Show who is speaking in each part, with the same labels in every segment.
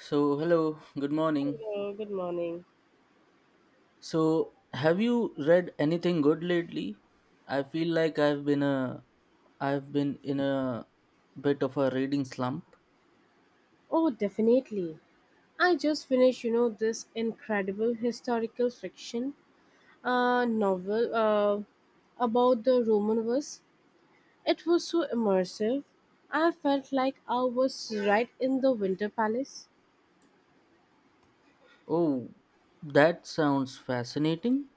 Speaker 1: So, hello, good morning.
Speaker 2: Hello, good morning.
Speaker 1: So, have you read anything good lately? I feel like I've been in a bit of a reading slump.
Speaker 2: Oh, definitely. I just finished, you know, this incredible historical fiction novel about the Romanovs. It was so immersive. I felt like I was right in the Winter Palace.
Speaker 1: Oh, that sounds fascinating.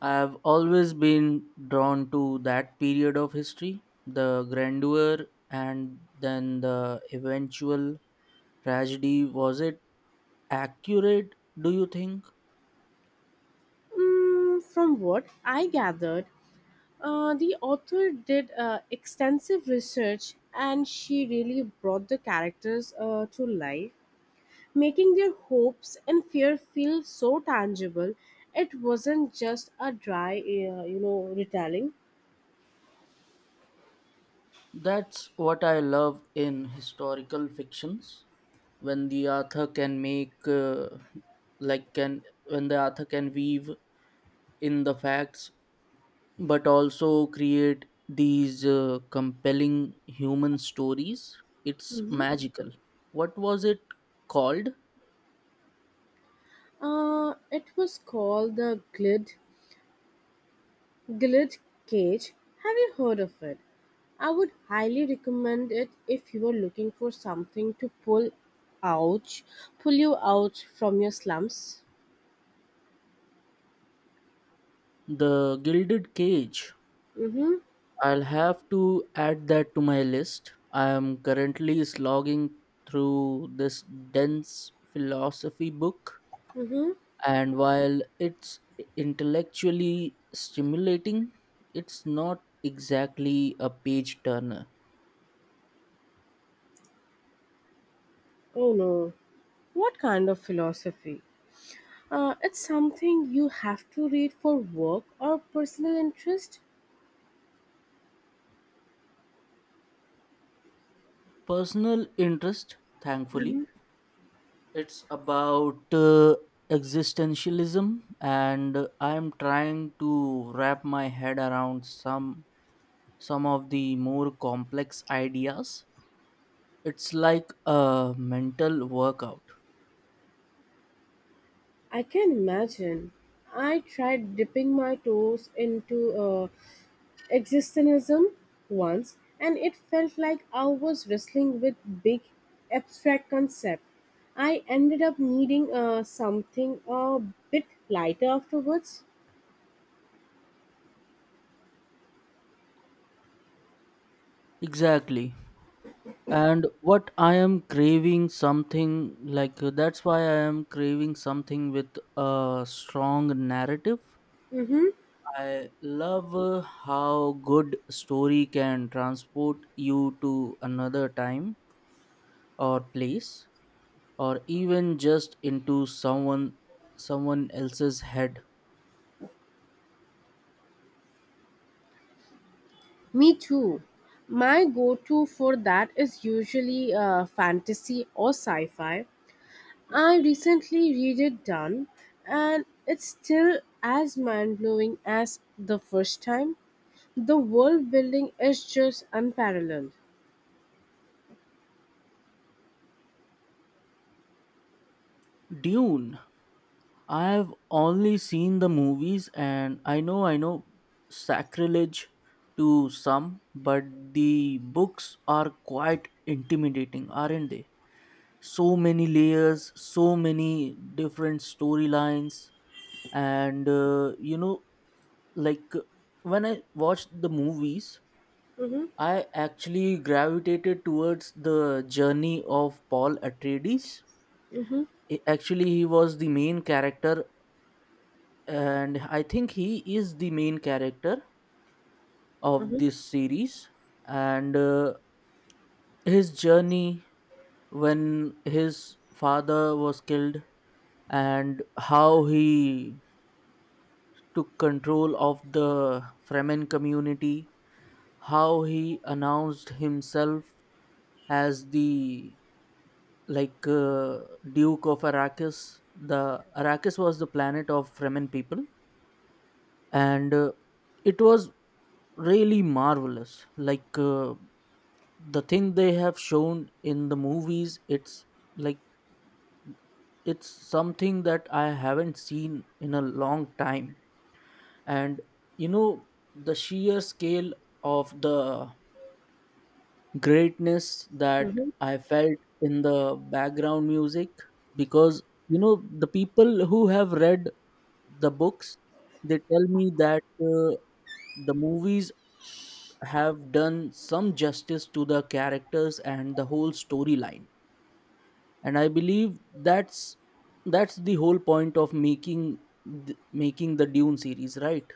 Speaker 1: I've always been drawn to that period of history, the grandeur and then the eventual tragedy. Was it accurate, do you think?
Speaker 2: Mm, from what I gathered, the author did extensive research and she really brought the characters to life, making their hopes and fear feel so tangible. It wasn't just a dry retelling.
Speaker 1: That's what I love in historical fictions when the author can make like can when the author can weave in the facts but also create these compelling human stories, it's
Speaker 2: Hmm.
Speaker 1: magical. What was it called?
Speaker 2: It was called the glid glid cage. Have you heard of it? I would highly recommend it if you are looking for something to out pull you out from your slums.
Speaker 1: The gilded cage.
Speaker 2: Mm-hmm.
Speaker 1: I'll have to add that to my list. I am currently slogging through this dense philosophy book,
Speaker 2: Mm-hmm.
Speaker 1: and while it's intellectually stimulating, it's not exactly a page turner.
Speaker 2: Oh no, what kind of philosophy? It's something you have to read for work or personal interest?
Speaker 1: Personal interest, thankfully. It's about existentialism, and I'm trying to wrap my head around some of the more complex ideas. It's like a mental workout.
Speaker 2: I can imagine. I tried dipping my toes into existentialism once, and it felt like I was wrestling with big abstract concept. I ended up needing something a bit lighter afterwards.
Speaker 1: Exactly, and what I am craving something like that's why I am craving something with a strong narrative.
Speaker 2: Mm-hmm.
Speaker 1: I love how good story can transport you to another time or place, or even just into someone else's head.
Speaker 2: Me too. My go to for that is usually fantasy or sci fi. I recently read it done, and it's still as mind blowing as the first time. The world building is just unparalleled.
Speaker 1: Dune. I have only seen the movies, and I know, sacrilege to some, but the books are quite intimidating, aren't they? So many layers, so many different storylines, and like when I watched the movies,
Speaker 2: Mm-hmm,
Speaker 1: I actually gravitated towards the journey of Paul Atreides.
Speaker 2: mm-hmm,
Speaker 1: Actually, he was the main character, and I think he is the main character of
Speaker 2: mm-hmm,
Speaker 1: this series. And his journey when his father was killed, and how he took control of the Fremen community, how he announced himself as the like uh, Duke of Arrakis. The Arrakis was the planet of Fremen people, and it was really marvelous, the thing they have shown in the movies, it's like it's something that I haven't seen in a long time. And you know, the sheer scale of the greatness that
Speaker 2: mm-hmm.
Speaker 1: I felt in the background music, because you know, the people who have read the books, they tell me that the movies have done some justice to the characters and the whole storyline. And I believe that's the whole point of making making the Dune series, right?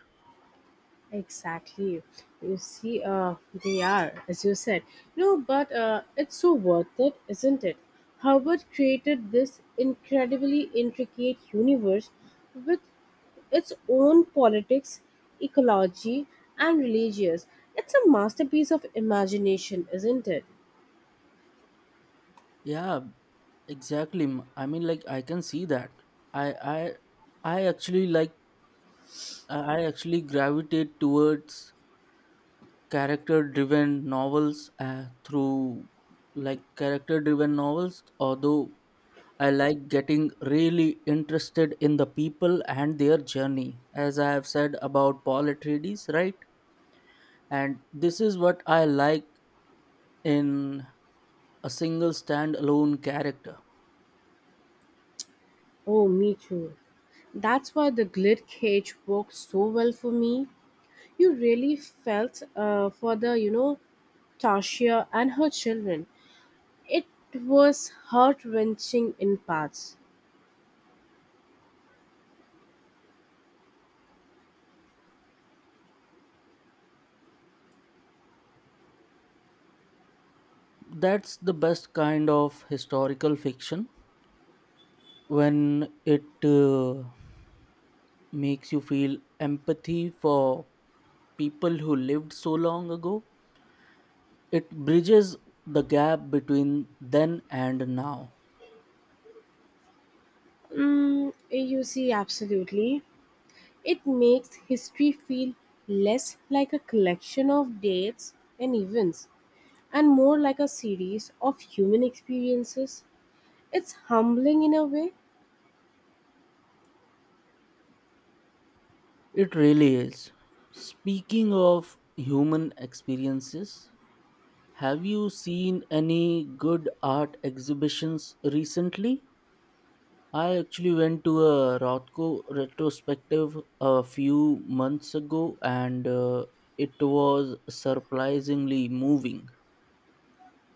Speaker 2: Exactly. You see, they are, as you said. No, but it's so worth it, isn't it? Howard created this incredibly intricate universe with its own politics, ecology, and religious. It's a masterpiece of imagination, isn't it?
Speaker 1: Yeah, exactly. I mean, like, I can see that. i i I actually like I actually gravitate towards character driven novels uh, through character driven novels, although I like getting really interested in the people and their journey, as I have said about Paul Atreides, right? And this is what I like in a single standalone character.
Speaker 2: Oh, me too. That's why the glit cage worked so well for me. You really felt for the, you know, Tasha and her children. It was heart wrenching in parts.
Speaker 1: That's the best kind of historical fiction, when it makes you feel empathy for people who lived so long ago. It bridges the gap between then and now.
Speaker 2: Mm, you see, absolutely. It makes history feel less like a collection of dates and events and more like a series of human experiences. It's humbling in a way.
Speaker 1: It really is. Speaking of human experiences, have you seen any good art exhibitions recently? I actually went to a Rothko retrospective a few months ago, and it was surprisingly moving.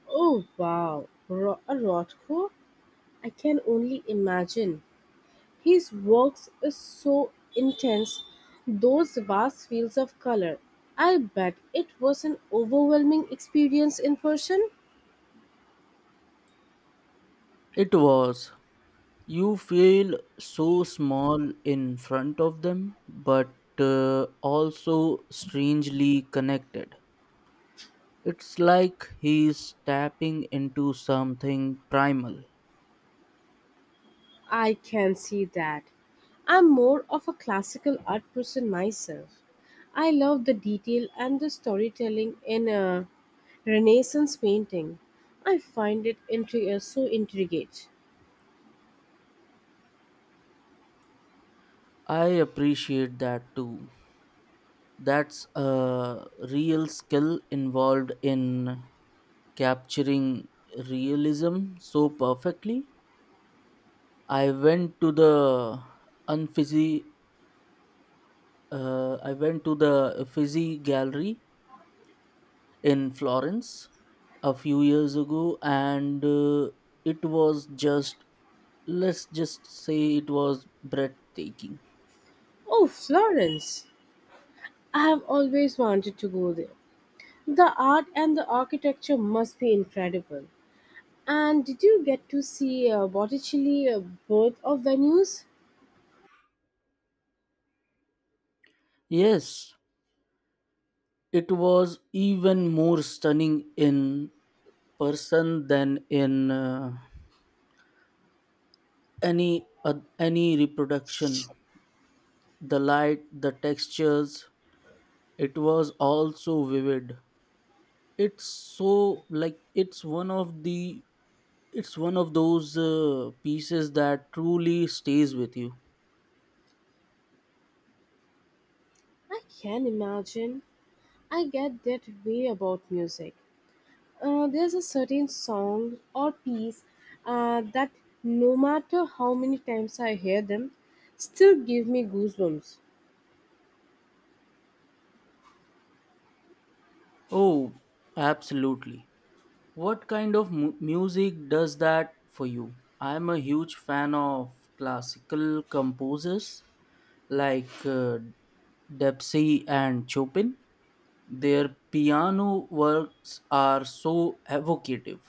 Speaker 2: Oh wow, a Rothko? I can only imagine. His works is so intense, those vast fields of color. I bet it was an overwhelming experience in person.
Speaker 1: It was. You feel so small in front of them, but also strangely connected. It's like he's tapping into something primal.
Speaker 2: I can see that. I'm more of a classical art person myself. I love the detail and the storytelling in a Renaissance painting. I find it so intriguing.
Speaker 1: I appreciate that too. That's a real skill involved in capturing realism so perfectly. I went to the unfizzy, I went to the Uffizi Gallery in Florence a few years ago, and it was just, let's just say, it was breathtaking.
Speaker 2: Oh, Florence! I have always wanted to go there. The art and the architecture must be incredible. And did you get to see Botticelli, both of venues?
Speaker 1: Yes, it was even more stunning in person than in any reproduction. The light, the textures, it was all so vivid. It's so like It's one of those pieces that truly stays with you.
Speaker 2: I can imagine. I get that way about music. There's a certain song or piece that no matter how many times I hear them, still give me goosebumps.
Speaker 1: Oh, absolutely. What kind of music does that for you? I'm a huge fan of classical composers like Debussy and Chopin. Their piano works are so evocative.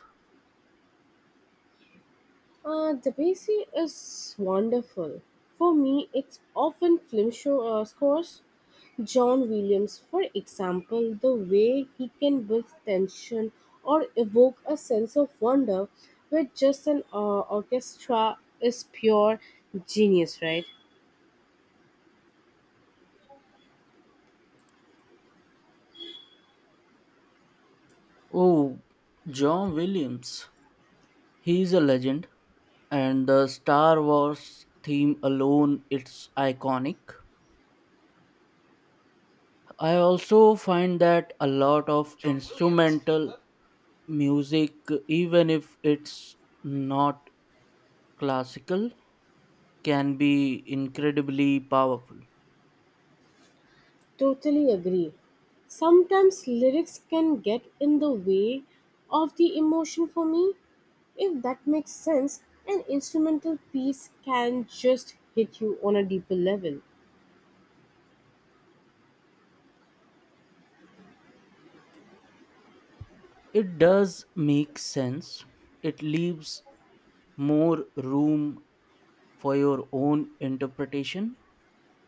Speaker 2: Debussy is wonderful. For me, it's often film show scores. John Williams, for example, the way he can build tension or evoke a sense of wonder with just an orchestra is pure genius, right?
Speaker 1: Oh, John Williams. He is a legend, and the Star Wars theme alone, it's iconic. I also find that a lot of instrumental music, even if it's not classical, can be incredibly powerful.
Speaker 2: Totally agree. Sometimes lyrics can get in the way of the emotion for me. If that makes sense, an instrumental piece can just hit you on a deeper level.
Speaker 1: It does make sense. It leaves more room for your own interpretation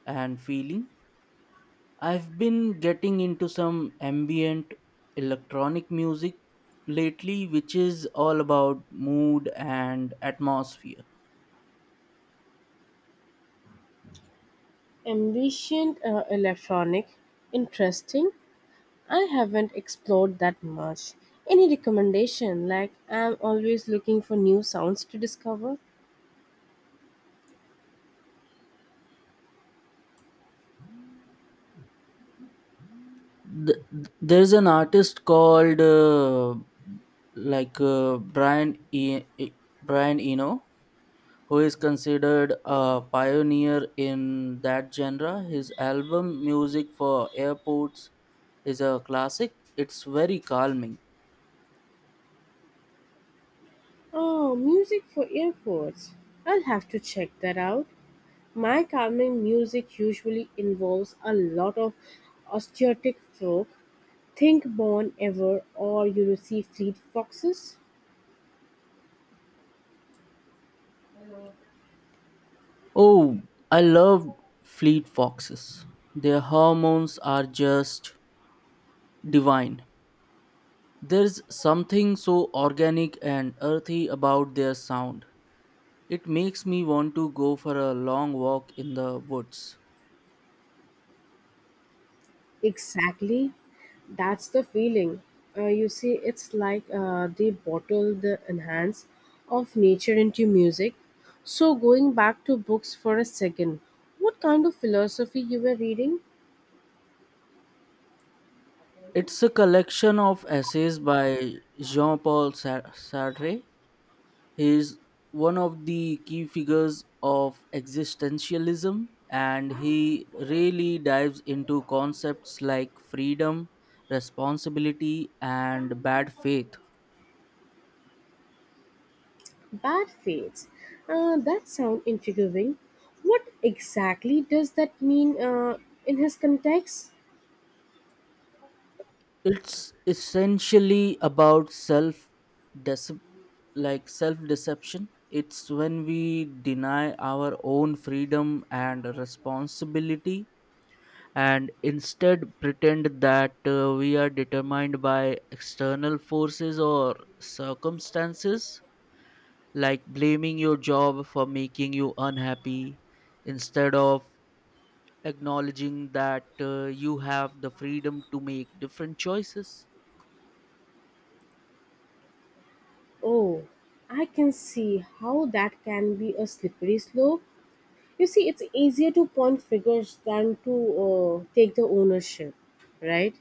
Speaker 1: and feeling. I've been getting into some ambient electronic music lately, which is all about mood and atmosphere.
Speaker 2: Ambient electronic, interesting. I haven't explored that much. Any recommendation? Like, I'm always looking for new sounds to discover.
Speaker 1: There's an artist called like uh, Brian e- E- Brian Eno, who is considered a pioneer in that genre. His album "Music for Airports" is a classic. It's very calming.
Speaker 2: Oh, music for airports. I'll have to check that out. My calming music usually involves a lot of acoustic folk, think Bon Iver or you know, see Fleet Foxes.
Speaker 1: Oh, I love fleet foxes. Their hormones are just divine. There's something so organic and earthy about their sound. It makes me want to go for a long walk in the woods.
Speaker 2: Exactly, that's the feeling. You see, it's like they bottle the enhance of nature into music. So, going back to books for a second, what kind of philosophy you were reading?
Speaker 1: It's a collection of essays by Jean Paul Sartre. He is one of the key figures of existentialism, and he really dives into concepts like freedom, responsibility, and bad faith.
Speaker 2: Bad fates. That sounds intriguing. What exactly does that mean in his context?
Speaker 1: It's essentially about decep self deception. It's when we deny our own freedom and responsibility and instead pretend that we are determined by external forces or circumstances, like blaming your job for making you unhappy instead of acknowledging that you have the freedom to make different choices.
Speaker 2: Oh, I can see how that can be a slippery slope. You see, it's easier to point figures than to take the ownership, right?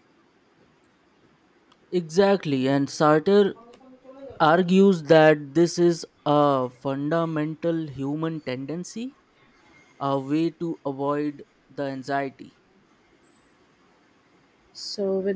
Speaker 1: Exactly, and Sartre argues that this is a fundamental human tendency, a way to avoid the anxiety
Speaker 2: So, with